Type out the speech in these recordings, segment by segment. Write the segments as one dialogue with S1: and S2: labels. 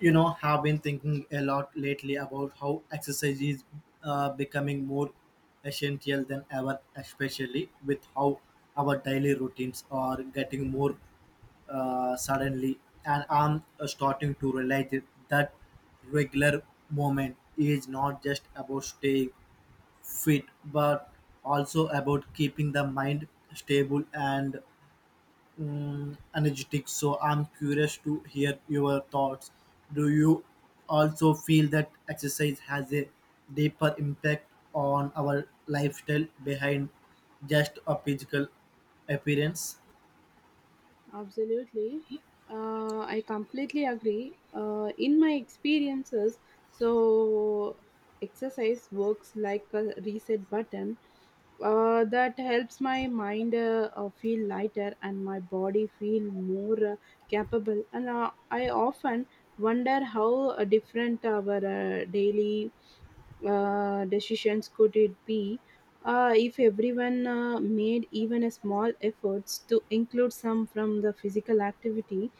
S1: Have been thinking a lot lately about how exercise is becoming more essential than ever, especially with how our daily routines are getting more suddenly. And I'm starting to that regular movement is not just about staying fit but also about keeping the mind stable and energetic. So I'm curious to hear your thoughts. Do you also feel that exercise has a deeper impact on our lifestyle behind just a physical appearance?
S2: Absolutely. I completely agree. In my experiences, so exercise works like a reset button that helps my mind feel lighter and my body feel more capable. And I often wonder how different our daily decisions could it be if everyone made even a small efforts to include some from the physical activity.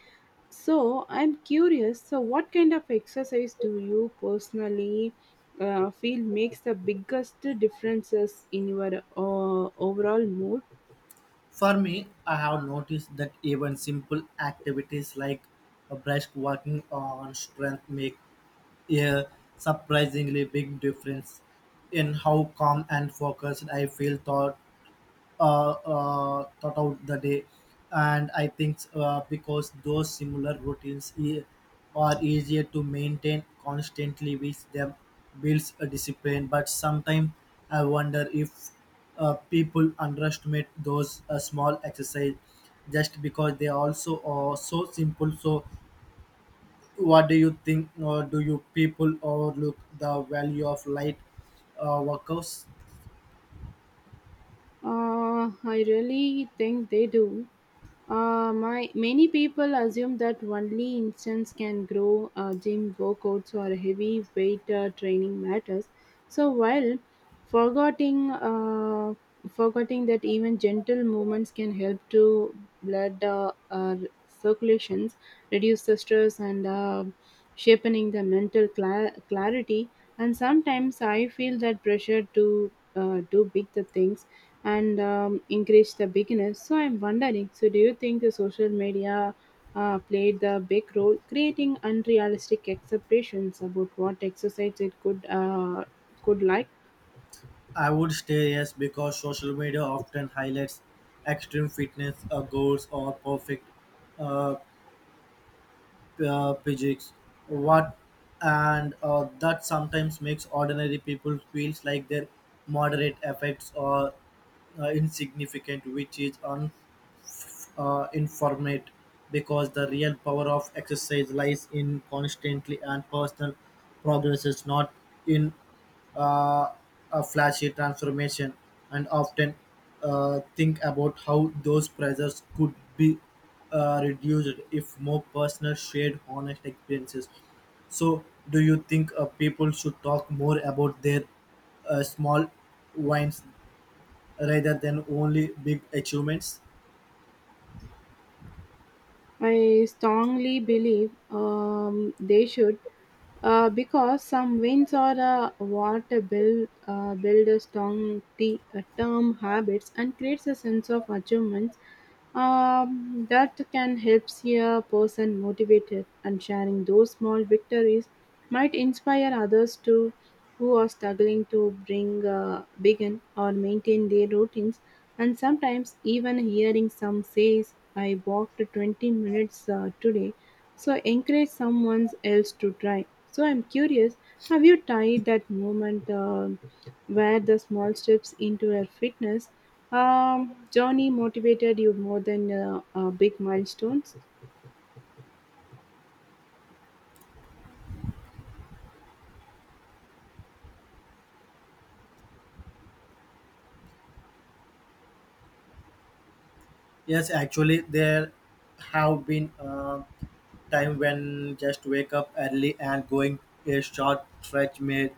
S2: So I'm curious, so what kind of exercise do you personally feel makes the biggest differences in your overall mood?
S1: For me, I have noticed that even simple activities like a brisk walking on strength make a surprisingly big difference in how calm and focused I feel thought thought out the day. And I think because those similar are easier to maintain constantly with them builds a discipline. But sometimes I wonder if people underestimate those small exercise just because they also are so simple. So what do you think, or do you people overlook the value of light workouts?
S2: I really think they do. My many people assume that only instance can grow gym workouts or heavy weight training matters. So while forgetting forgetting that even gentle movements can help to blood circulations, reduce the stress, and sharpening the mental clarity. And sometimes I feel that pressure to do big the things and encourage the beginners. So I'm wondering, so do you think the social media played the big role creating unrealistic expectations about what exercise it could could like?
S1: I would stay yes because social media often highlights extreme fitness goals or perfect uh, physiques. What and that sometimes makes ordinary people feels like their moderate efforts are insignificant, which is informate because the real power of exercise lies in constantly and personal progress is not in uh, a flashy transformation. And often think about how those pressures could be reduced if more personal shared honest experiences. So do you think people should talk more about their small wins rather than only big achievements?
S2: I strongly believe they should. Because some winds are what build a strong term habits and creates a sense of achievements that can help see a person motivated, and sharing those small victories might inspire others to who are struggling to bring begin or maintain their routines. And sometimes even hearing some says I walked 20 minutes today so encourage someone else to try. So I'm curious, have you tried that moment where the small steps into your fitness journey motivated you more than big milestones?
S1: Yes, actually, there have been time when just wake up early and going a short stretch made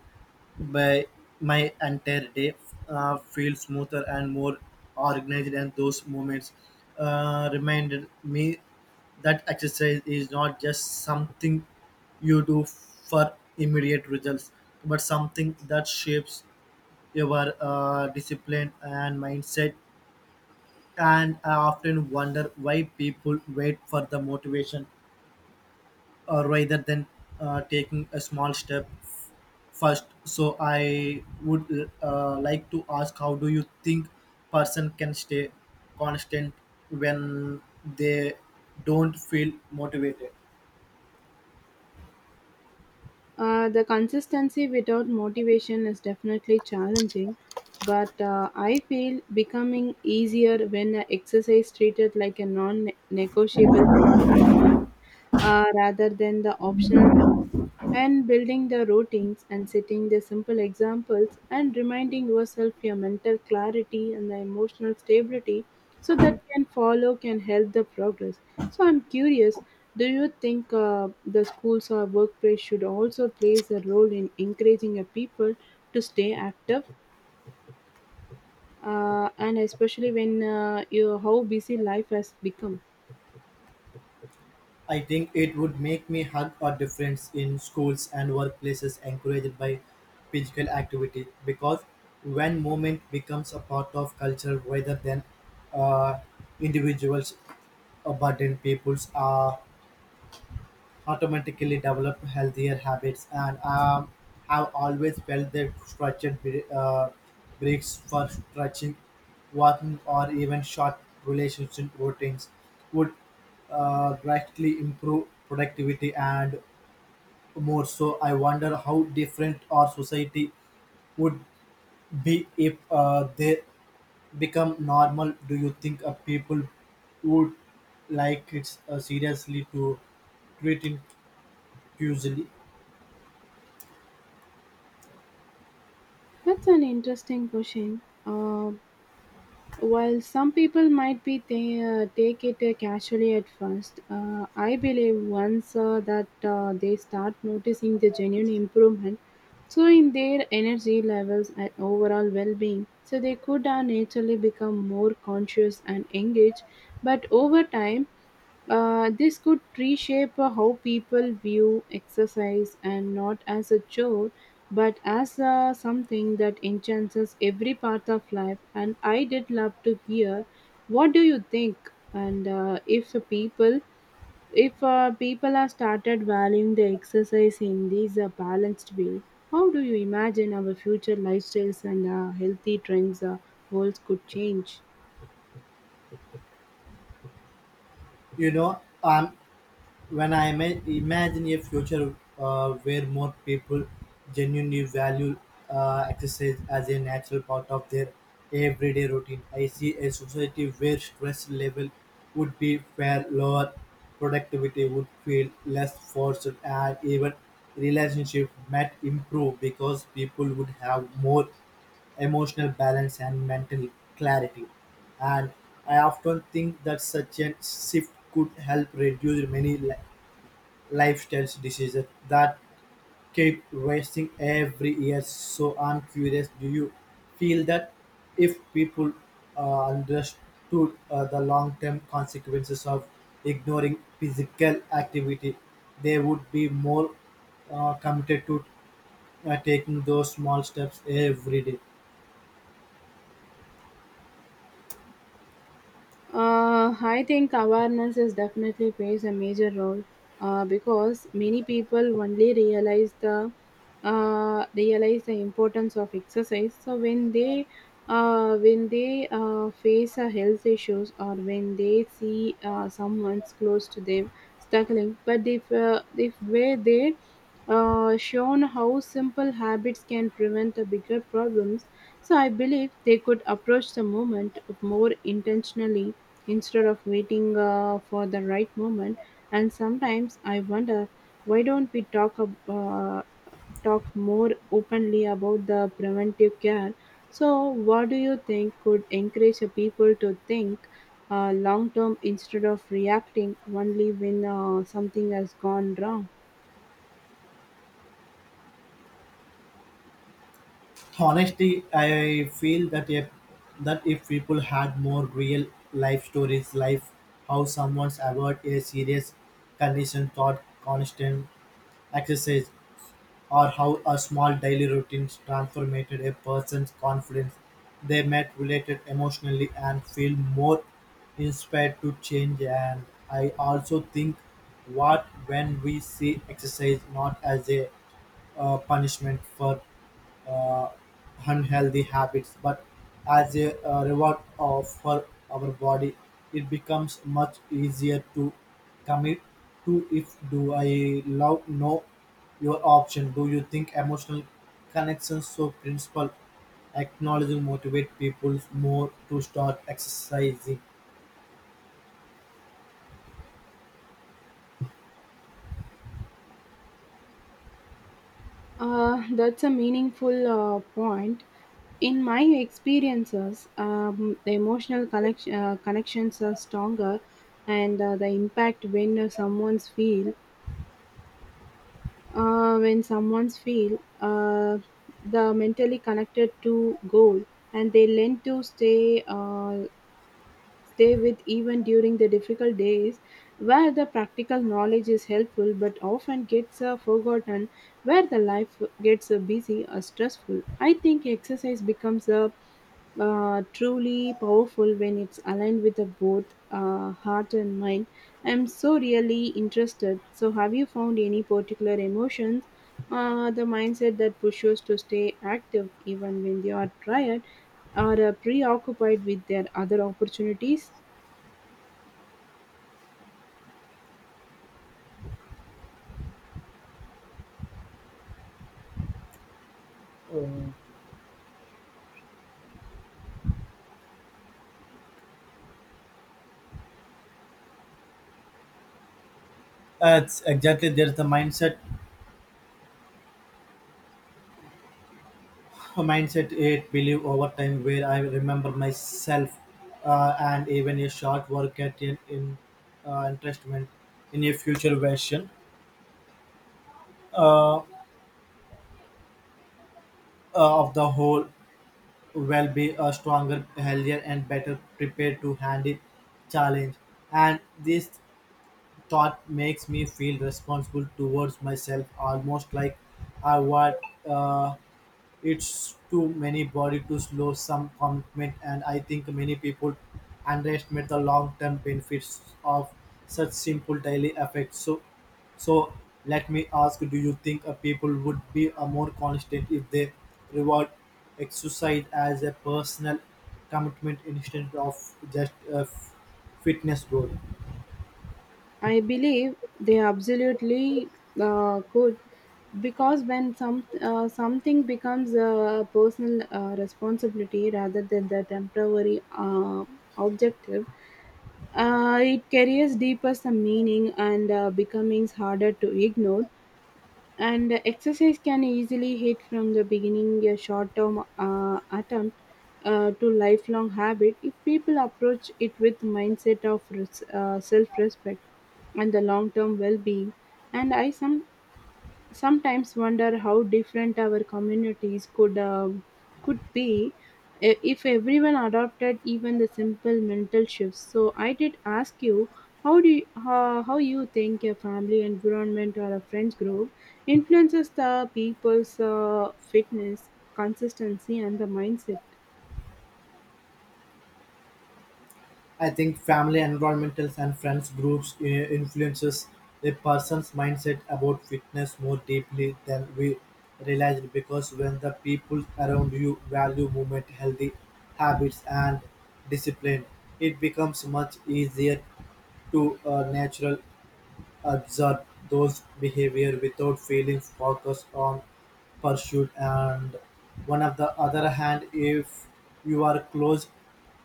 S1: by my entire day feel smoother and more organized. And those moments reminded me that exercise is not just something you do for immediate results, but something that shapes your discipline and mindset. And I often wonder why people wait for the motivation rather than taking a small first. So I would like to ask, how do you think person can stay constant when they don't feel motivated?
S2: The consistency without motivation is definitely challenging, but I feel becoming easier when exercise treated like a non-negotiable part of life rather than the optional task, and building the routines and setting the simple examples and reminding yourself your mental clarity and the emotional stability so that can follow can help the progress. So I'm curious, do you think the schools or workplace should also plays a role in encouraging a people to stay active, and especially when you how busy life has become?
S1: I think it would make me hug a difference in schools and workplaces encouraged by physical activity because when movement becomes a part of culture rather than uh, individuals burden, peoples are automatically develop healthier habits. And have always felt that structured breaks for stretching, walking, or even short relationship routines would greatly improve productivity and more. So I wonder how different our society would be if they become normal. Do you think people would like it seriously to treat it usually?
S2: That's an interesting question. While some people might be they take it casually at first, I believe once that they start noticing the genuine improvement, so in their energy levels and overall well-being, so they could naturally become more conscious and engaged. But over time, this could reshape how people view exercise, and not as a chore but as something that enhances every part of life. And I did love to hear what do you think, and if people are started valuing the exercise in this balanced way, how do you imagine our future lifestyles and healthy trends worlds could change?
S1: You know, when I imagine a future where more people genuinely value exercise as a natural part of their everyday routine, I see a society where stress level would be far lower, productivity would feel less forced, and even relationship might improve because people would have more emotional balance and mental clarity. And I often think that such a shift could help reduce many lifestyle diseases that keep rising every year. So I'm curious, do you feel that if people understood the long-term consequences of ignoring physical activity, they would be more committed to taking those small steps every day?
S2: I think awareness is definitely plays a major role because many people only realize the realize the importance of exercise. So when they face a health issues, or when they see someone's close to them struggling, but if where they shown how simple habits can prevent the bigger problems, so I believe they could approach the moment more intentionally instead of waiting for the right moment. And sometimes I wonder, why don't we talk talk more openly about the preventive care? So what do you think could encourage a people to think long term instead of reacting only when something has gone wrong?
S1: Honestly, I feel that if people had more real life stories, like how someone's avoid a serious condition thought constant exercise, or how a small daily routine transformed a person's confidence, they met related emotionally and feel more inspired to change. And I also think what when we see exercise not as a punishment for uh, unhealthy habits, but as a reward of for our body, it becomes much easier to commit to if do I love no your option. Do you think emotional connections so principle acknowledging motivate people more to start exercising?
S2: That's a meaningful point. In my experiences, the emotional connection, connections are stronger, and the impact when someone's feel when someone's feel the mentally connected to goal, and they learn to stay stay with even during the difficult days, where the practical knowledge is helpful but often gets forgotten, where the life gets busy or stressful. I think exercise becomes a truly powerful when it's aligned with the both heart and mind. I'm so really interested. So have you found any particular emotions, the mindset that pushes to stay active even when you are tired? Are preoccupied with their other opportunities.
S1: Um, That's exactly there's the mindset it believe over time where I remember myself and even a short work at an in, investment in a future version uh, uh, of the whole will be a stronger, healthier, and better prepared to handle challenge. And this thought makes me feel responsible towards myself, almost like I was. Uh, It's too many body to slow some commitment. And I think many people underestimate the long term benefits of such simple daily effects. So let me ask, do you think a people would be a more constant if they reward exercise as a personal commitment instead of just a fitness goal?
S2: I believe they absolutely could, because when something becomes a personal responsibility rather than the temporary objective, it carries deeper some meaning and becomings harder to ignore. And exercise can easily hit from the beginning a short term attempt to lifelong habit if people approach it with mindset of self respect and the long term well being. And I some sometimes wonder how different our communities could be if everyone adopted even the simple mental shifts. So I did ask you, how you think a family environment or a friends group influences the people's fitness consistency and the mindset?
S1: I think family, environmentals, and friends groups influences a person's mindset about fitness more deeply than we realize, because when the people around you value movement, healthy habits, and discipline, it becomes much easier to natural observe those behavior without feeling focused on pursuit. And one of the other hand, if you are close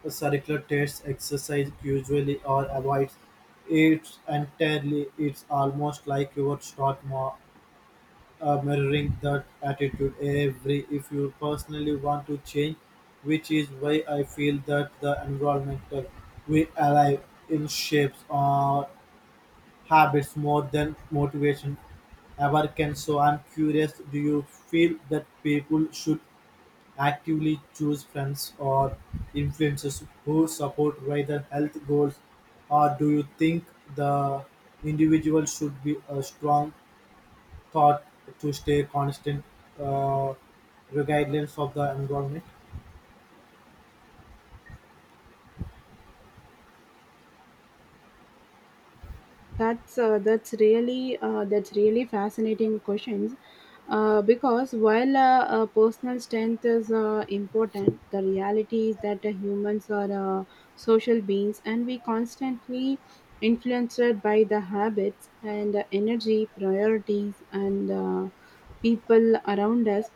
S1: circular tests exercise usually or avoids it entirely, it's almost like you would start more mirroring that attitude every if you personally want to change, which is why I feel that the environmental we alive in shapes or habits more than motivation ever can. So I'm curious, do you feel that people should actively choose friends or influencers who support rather health goals, or do you think the individual should be a strong thought to stay constant uh, regardless of the environment?
S2: That's really fascinating questions. Because while personal strength is important, the reality is that humans are social beings, and we constantly influenced by the habits and energy priorities and people around us.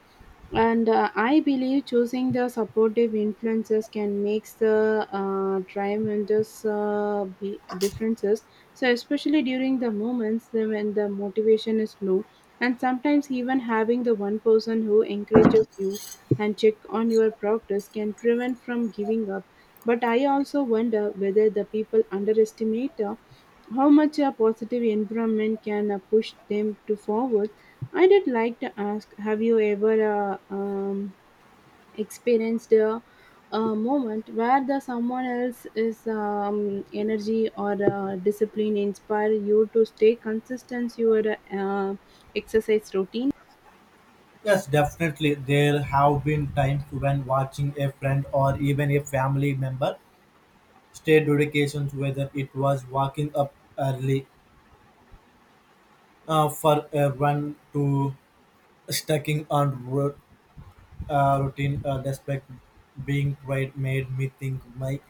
S2: And I believe choosing the supportive influences can make the tremendous differences so, especially during the moments when the motivation is low, and sometimes even having the one person who encourages you and check on your progress can prevent from giving up. But I also wonder whether the people underestimate how much a positive environment can push them to forward. I did like to ask, have you ever experienced a moment where the someone else is energy or discipline inspire you to stay consistent your uh, exercise routine?
S1: Yes, definitely. There have been times when watching a friend or even a family member state dedications, whether it was waking up early for a run to stacking on routine despite being tried, made me think my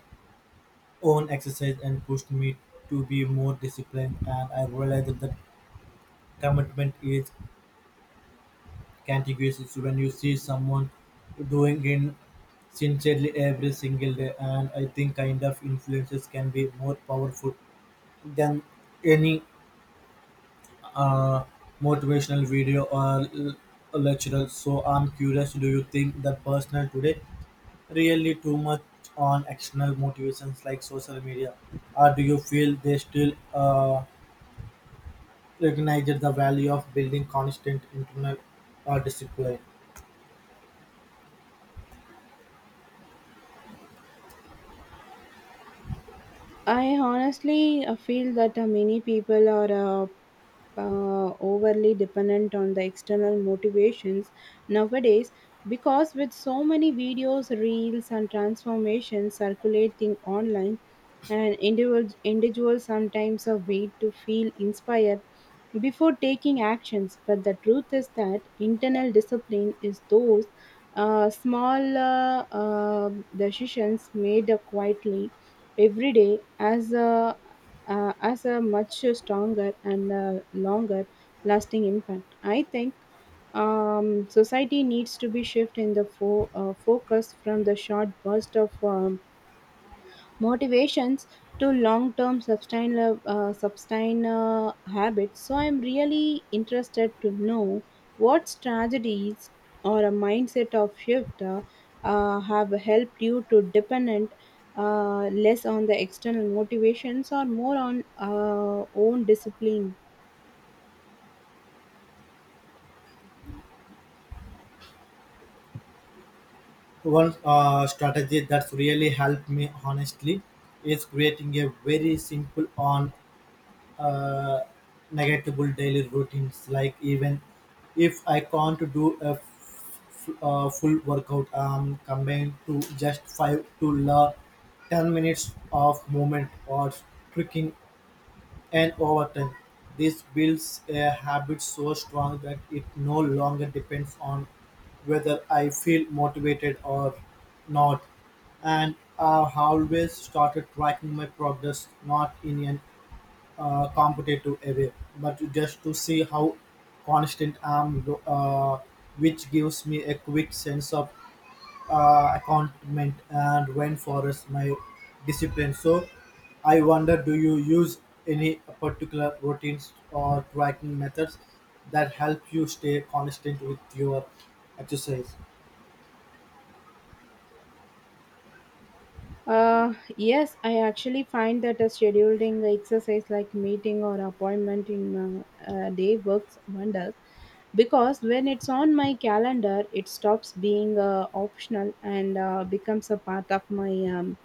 S1: own exercise and pushed me to be more disciplined. And I realized that the commitment is contiguous. It's when you see someone doing it sincerely every single day, and I think kind of influences can be more powerful than any uh, motivational video or lecturer. So I'm curious, do you think that personal today really too much on external motivations like social media, or do you feel they still recognize the value of building constant internal discipline?
S2: I honestly feel that many people are overly dependent on the external motivations nowadays because with so many videos, reels, and transformations circulating online, and individuals sometimes wait to feel inspired before taking actions. But the truth is that internal discipline is those small decisions made quietly every day as a much stronger and longer lasting impact. I think society needs to be shift in the focus from the short burst of motivations to long term sustainable habits. So I'm really interested to know what strategies or a mindset of shift have helped you to dependent less on the external motivations or more on own discipline.
S1: One strategy that's really helped me, honestly, is creating a very simple on uh, negatable daily routines, like even if I can't do a full workout, um, combined to just 5 to la 10 minutes of movement or tricking. And overtime this builds a habit so strong that it no longer depends on whether I feel motivated or not. And I have always started tracking my progress not in an competitive away, but just to see how constant I'm, which gives me a quick sense of accountment and when forest my discipline. So I wonder, do you use any particular routines or tracking methods that help you stay constant with your exercise?
S2: Yes, I actually find that a scheduling exercise like meeting or appointment in a day works wonders because when it's on my calendar, it stops being optional and becomes a part of my um,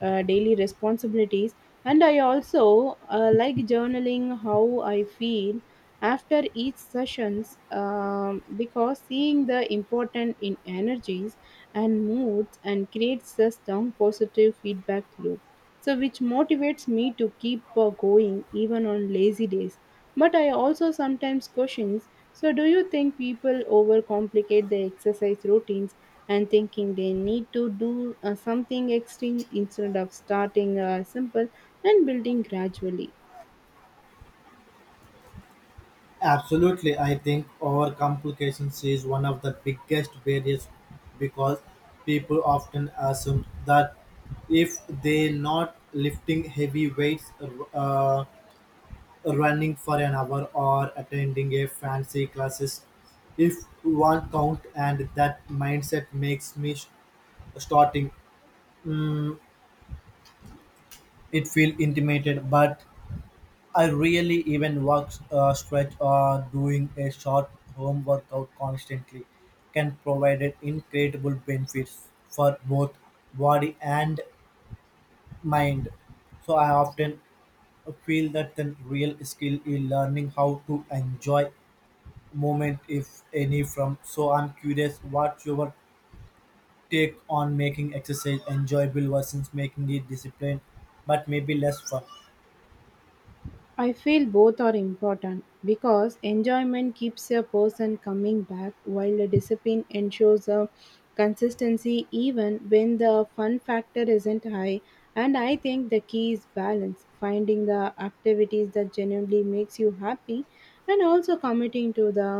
S2: daily responsibilities. And I also like journaling how I feel after each sessions because seeing the important in energies and moods and creates a strong positive feedback loop so which motivates me to keep going even on lazy days. But I also sometimes questions, so do you think people overcomplicate their exercise routines and thinking they need to do something extreme instead of starting simple and building gradually?
S1: Absolutely, I think overcomplication is one of the biggest barriers because people often assume that if they're not lifting heavy weights, uh, running for an hour, or attending a fancy classes, if one count, and that mindset makes me starting it feel intimidated. But I really even work stretch or doing a short home workout constantly can provide incredible benefits for both body and mind. So I often feel that the real skill is learning how to enjoy moment if any from. So I'm curious, what your take on making exercise enjoyable versus making it disciplined but maybe less fun?
S2: I feel both are important because enjoyment keeps a person coming back, while the discipline ensures a consistency even when the fun factor isn't high. And I think the key is balance, finding the activities that genuinely makes you happy and also committing to the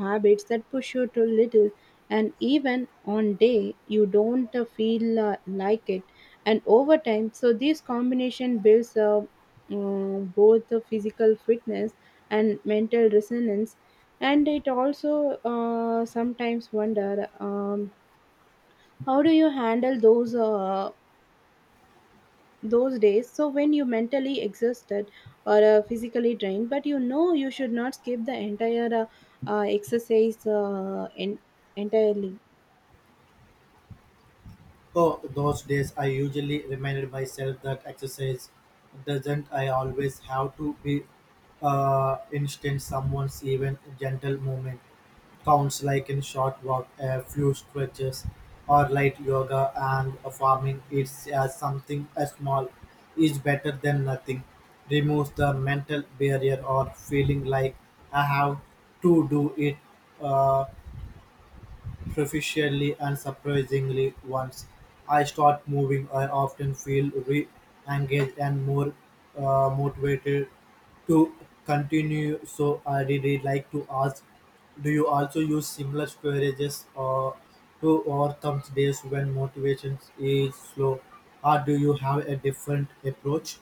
S2: habits that push you to little, and even on day you don't feel like it. And over time, so this combination builds a both the physical fitness and mental resonance. And it also sometimes wonder, how do you handle those those days so when you mentally exhausted or physically drained but you know you should not skip the entire exercise entirely?
S1: Oh, those days I usually reminded myself that exercise doesn't I always have to be instant someone's. Even gentle movement counts, like in short walk, a few stretches or light yoga, and a farming it's something as small is better than nothing. Removes the mental barrier or feeling like I have to do it. Uh, Professionally and surprisingly, once I start moving, I often feel re-engaged and more motivated to continue. So I really like to ask, do you also use similar strategies or to overcome days when motivation is slow, or do you have a different approach?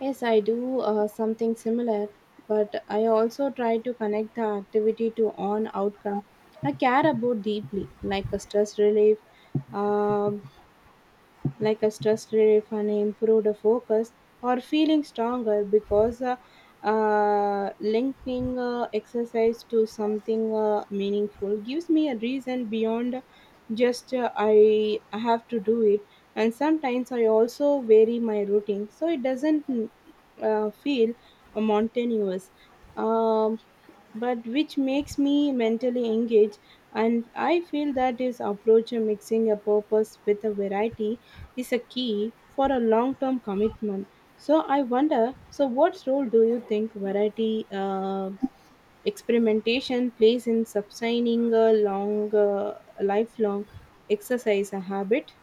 S2: Yes, I do something similar, but I also try to connect the activity to on outcome I care about deeply, like a stress relief, um and improved focus or feeling stronger, because linking exercise to something meaningful gives me a reason beyond just I have to do it. And sometimes I also vary my routine so it doesn't feel mountainous. Um, but which makes me mentally engaged, and I feel that is approach a mixing a purpose with a variety is a key for a long term commitment. So I wonder, so what role do you think variety experimentation plays in sustaining a long, lifelong exercise a habit?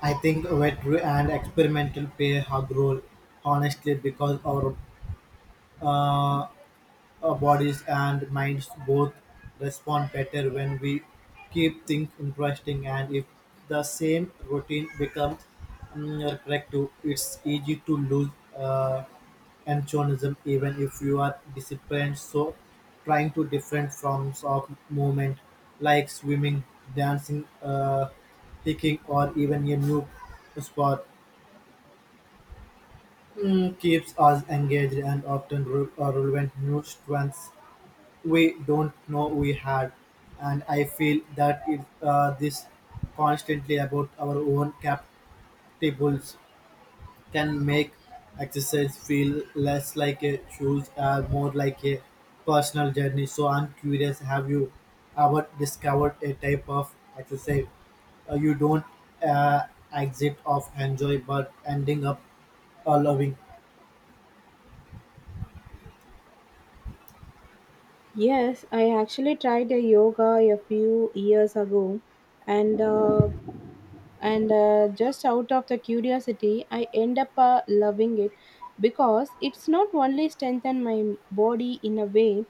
S1: I think veterinary and experimental play a hard role, honestly, because uh, our bodies and minds both respond better when we keep things interesting. And if the same routine becomes repetitive, it's easy to lose uh, enthusiasm even if you are disciplined. So trying to different forms of movement like swimming, dancing, hiking, or even a new sport keeps us engaged and often relevant new strengths we don't know we had. And I feel that it, this constantly about our own captables can make exercise feel less like a choose and more like a personal journey. So I'm curious, have you ever discovered a type of exercise you don't uh, exit of enjoy but ending up loving?
S2: Yes, I actually tried a yoga a few years ago, and uh, and just out of the curiosity I end up loving it because it's not only strengthened my body in a way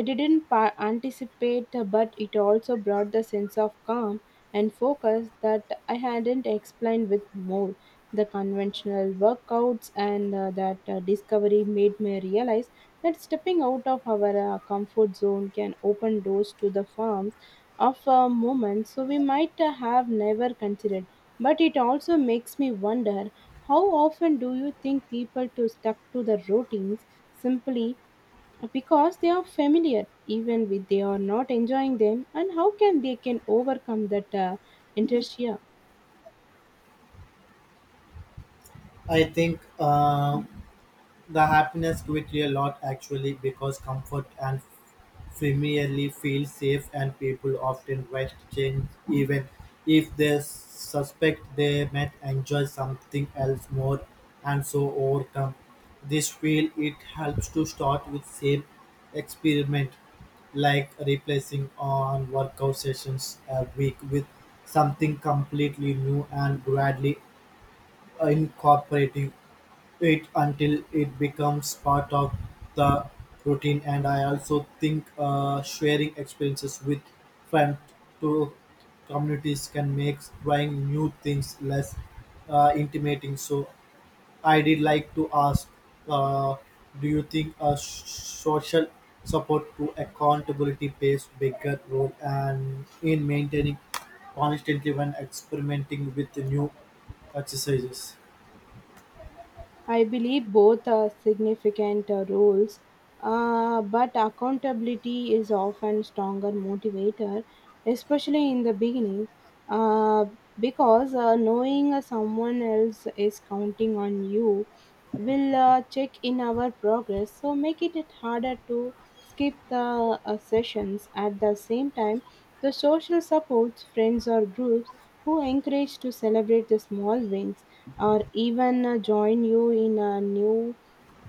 S2: I didn't anticipate but it also brought the sense of calm and focus that I hadn't explained with more the conventional workouts, and that discovery made me realize that stepping out of our comfort zone can open doors to the forms of moments so we might have never considered. But it also makes me wonder, how often do you think people to stuck to the routines simply because they are familiar even if they are not enjoying them, and how can they can overcome that inertia?
S1: I think. The happiness quickly a lot actually because comfort and familiarly feel safe and people often rest change even if they suspect they might enjoy something else more, and so overcome this feel it helps to start with same experiment, like replacing on workout sessions a week with something completely new and gradually incorporating it until it becomes part of the routine. And I also think sharing experiences with friends to communities can make trying new things less intimidating. So I did like to ask, uh, do you think a social support to accountability plays bigger role and in maintaining constantly when experimenting with new exercises?
S2: I believe both are significant roles, but accountability is often stronger motivator, especially in the beginning, uh, because knowing someone else is counting on you will check in our progress, so make it harder to skip the sessions. At the same time, the social supports, friends or groups who encourage to celebrate the small wins or even join you in new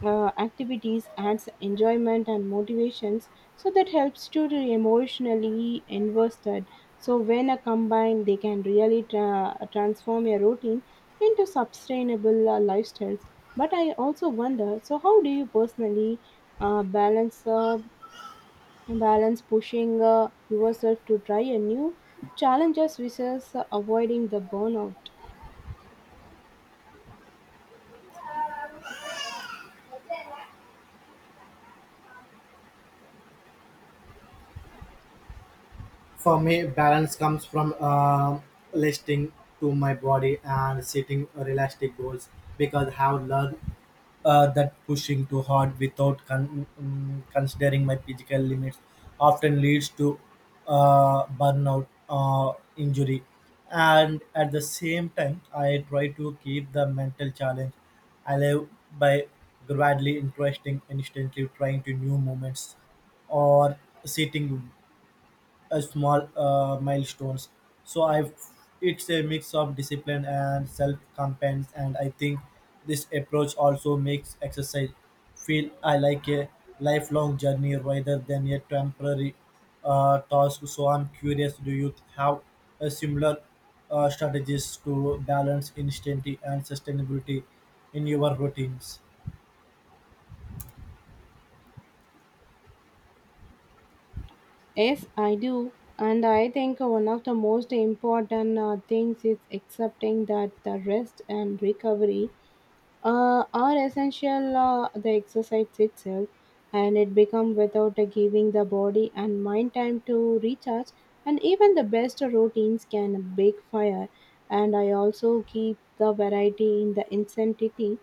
S2: activities adds enjoyment and motivations so that helps to emotionally invested, so when combined they can really transform your routine into sustainable lifestyles. But I also wonder, so how do you personally uh, balance uh, balance pushing yourself to try a new challenges versus avoiding the burnout?
S1: For me, balance comes from listening to my body and setting realistic goals because I have learned that pushing too hard without considering my physical limits often leads to burnout injury. And at the same time, I try to keep the mental challenge alive by gradually interesting, instantly trying to new moments or sitting small milestones. So I've it's a mix of discipline and self confidence, and I think this approach also makes exercise feel I like a lifelong journey rather than a temporary task. So I'm curious, do you have a similar strategies to balance intensity and sustainability in your routines?
S2: Yes, I do. And I think one of the most important things is accepting that the rest and recovery are essential, the exercise itself, and it becomes without giving the body and mind time to recharge. And even the best routines can bake fire. And I also keep the variety in the intensity,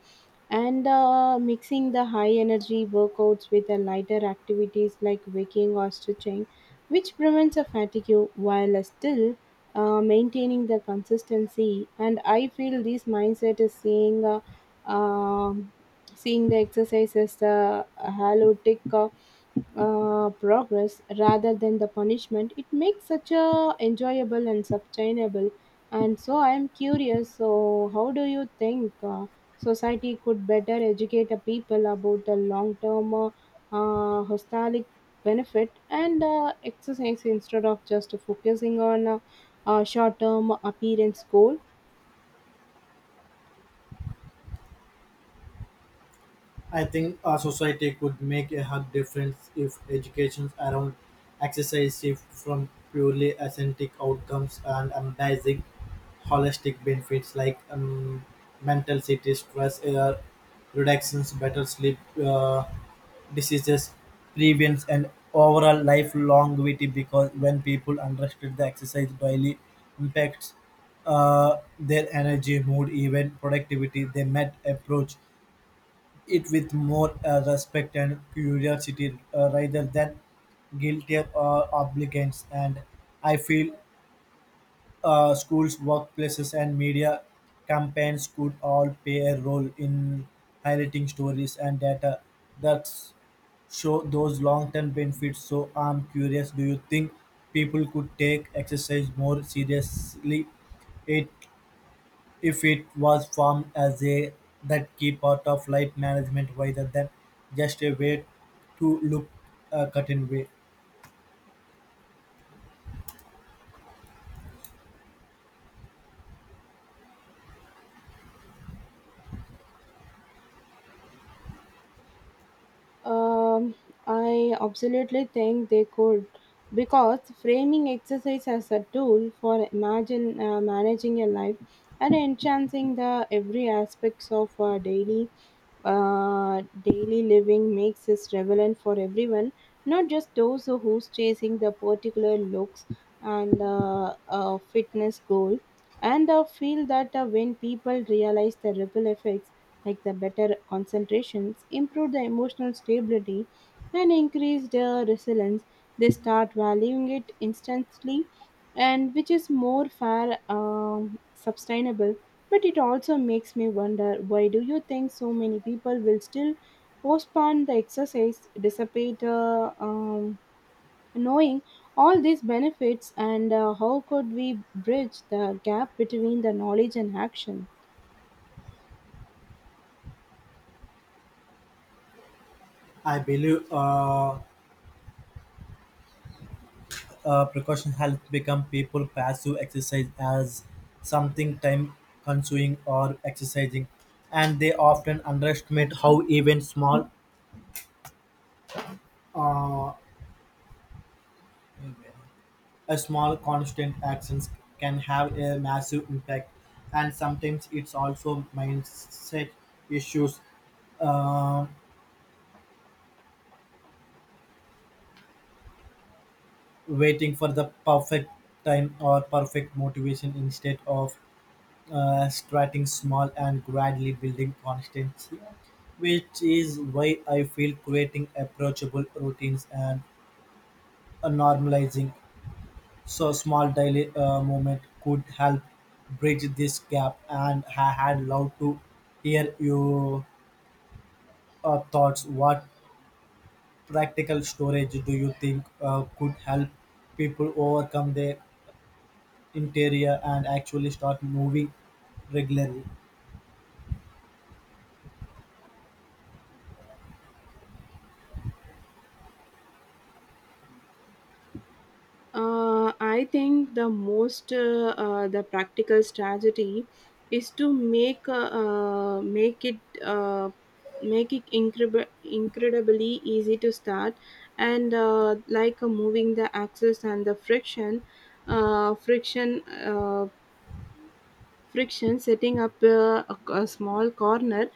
S2: and mixing the high energy workouts with the lighter activities like waking or stretching which prevents a fatigue while still maintaining the consistency. And I feel this mindset is um, seeing the exercise as the halotic progress rather than the punishment, it makes such a enjoyable and sustainable. And so I am curious, so how do you think society could better educate the people about the long term hostile benefit and exercise instead of just focusing on short term appearance goal?
S1: I think our society could make a hug difference if education around exercise shift from purely aesthetic outcomes and embracing holistic benefits like mental city stress air reductions, better sleep, diseases, prevents, and overall life longevity, because when people understood the exercise daily impacts their energy, mood, even productivity, they might approach it with more respect and curiosity rather than guilty or obligations. And I feel schools, workplaces, and media campaigns could all play a role in highlighting stories and data that show those long-term benefits. So I'm curious, do you think people could take exercise more seriously? It if it was formed as a that key part of life management rather than just a way to look a certain way.
S2: Um, I absolutely think they could because framing exercise as a tool for imagine managing your life and enhancing the every aspects of our daily daily living makes this relevant for everyone, not just those who's chasing the particular looks and fitness goal. And I feel that when people realize the ripple effects, like the better concentrations, improve the emotional stability, and increase their resilience, they start valuing it instantly, and which is more fair, sustainable. But it also makes me wonder, why do you think so many people will still postpone the exercise despite knowing all these benefits, and how could we bridge the gap between the knowledge and action?
S1: I believe precaution helps become people passive exercise as something time consuming or exercising, and they often underestimate how even small uh, A small constant actions can have a massive impact, and sometimes it's also mindset issues. Uh, Waiting for the perfect time or perfect motivation instead of starting small and gradually building constancy, which is why I feel creating approachable routines and normalizing so small daily movement could help bridge this gap. And I had loved to hear your thoughts. What practical storage do you think could help people overcome their interior and actually start moving regularly?
S2: I think the most the practical strategy is to make it incredibly easy to start, and like moving the axis and the friction uh, friction uh, friction setting up a small corner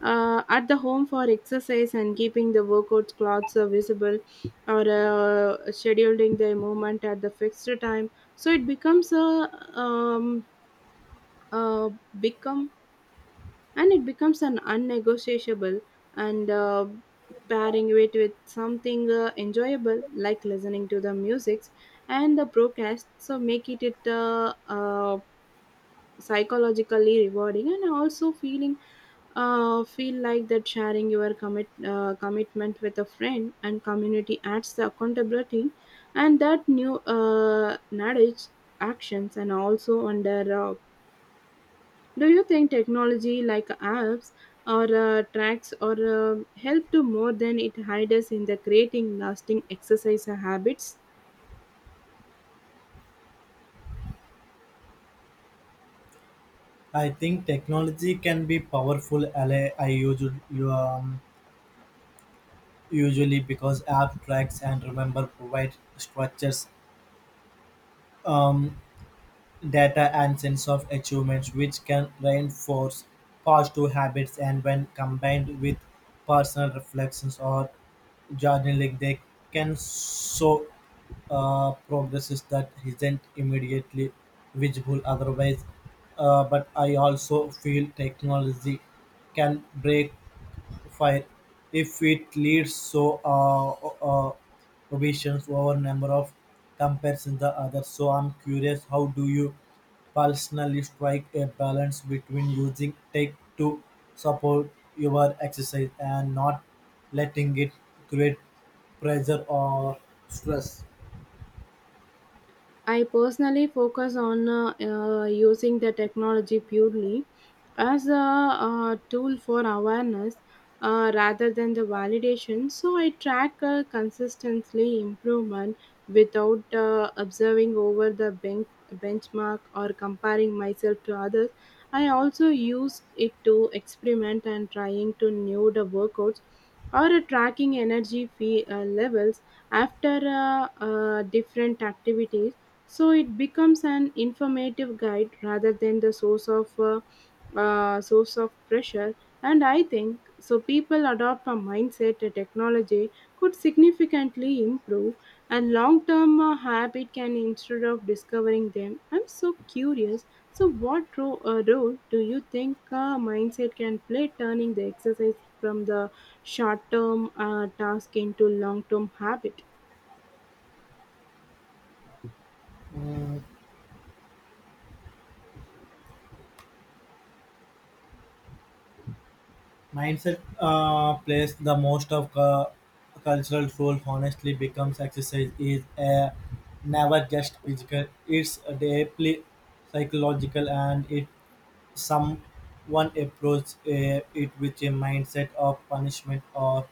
S2: at the home for exercise and keeping the workout clothes visible or scheduling the movement at the fixed time so it becomes a um, uh, become and it becomes an unnegotiable, and pairing it with something enjoyable like listening to the music and the broadcast so make it psychologically rewarding. And also feeling feel like that sharing your commitment with a friend and community adds the accountability and that new knowledge actions. And also under do you think technology like apps or tracks or help to more than it hides in the creating lasting exercise habits?
S1: I think technology can be powerful ally. I um, usually because app tracks and remember provide structures. Um, Data and sense of achievement which can reinforce positive habits, and when combined with personal reflections or journaling, they can show progresses that isn't immediately visible otherwise. But I also feel technology can break fire if it leads to ovations over number of compares in the other. So I'm curious, how do you personally strike a balance between using tech to support your exercise and not letting it create pressure or stress?
S2: I personally focus on using the technology purely as a, tool for awareness rather than the validation. So I track consistently improvement without observing over the benchmark or comparing myself to others. I also use it to experiment and trying to new the workouts or tracking energy levels after different activities so it becomes an informative guide rather than the source of pressure. And I think so people adopt a mindset that technology could significantly improve and long term habit can instead of discovering them. I'm so curious, so what role do you think mindset can play turning the exercise from the short term task into long term habit?
S1: Mindset plays the most of cultural role. Honestly, becomes exercise is a never just physical. It's deeply psychological, and it someone approaches it with a mindset of punishment or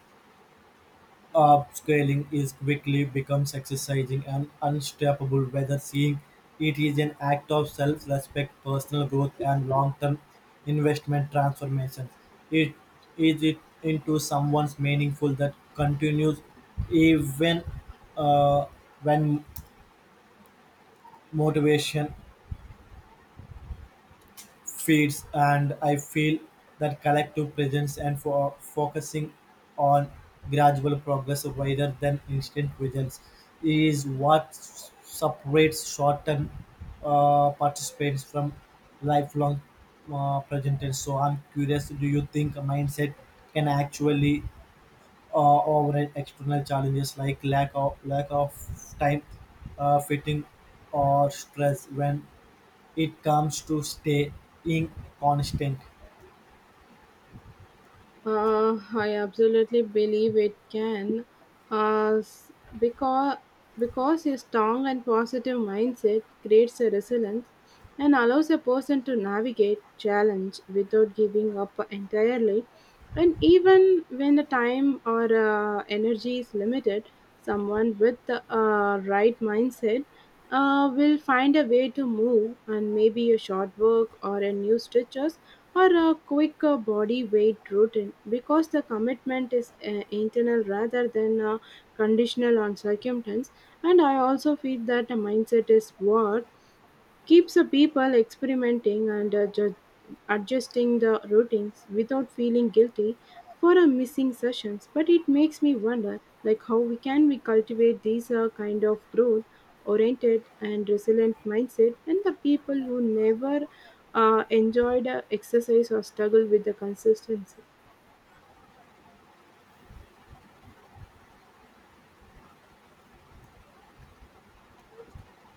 S1: upscaling is quickly becomes exercising and unstoppable, whether seeing it is an act of self-respect, personal growth, and long-term investment transformation. It is it into someone's meaningful that continues even uh, when motivation feeds. And I feel that collective presence and for focusing on gradual progress rather than instant results is what separates short-term participants from lifelong presenters. So I'm curious, do you think a mindset can actually override external challenges like lack of time, fitting, or stress when it comes to staying constant?
S2: I absolutely believe it can, uh, because because a strong and positive mindset creates a resilience and allows a person to navigate challenge without giving up entirely. And even when the time or energy is limited, someone with the right mindset will find a way to move and maybe a short work or a new stitches or a quick body weight routine because the commitment is internal rather than conditional on circumstance. And I also feel that a mindset is what keeps the people experimenting and adjusting the routines without feeling guilty for a missing sessions. But it makes me wonder, like how we can we cultivate these kind of growth oriented and resilient mindset and the people who never enjoyed exercise or struggle with the consistency.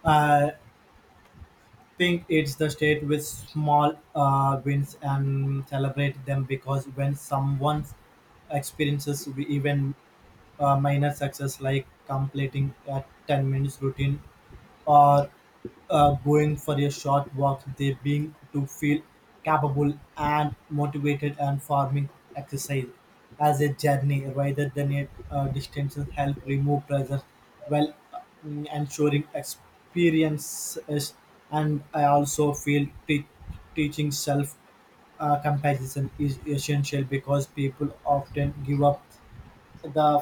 S1: I think it's the state with small wins and celebrate them, because when someone experiences even minor success like completing a 10 minutes routine or going for a short walk, they being to feel capable and motivated, and forming exercise as a journey rather than a distance help remove pressure while ensuring experiences. And I also feel teaching self comparison is essential because people often give up the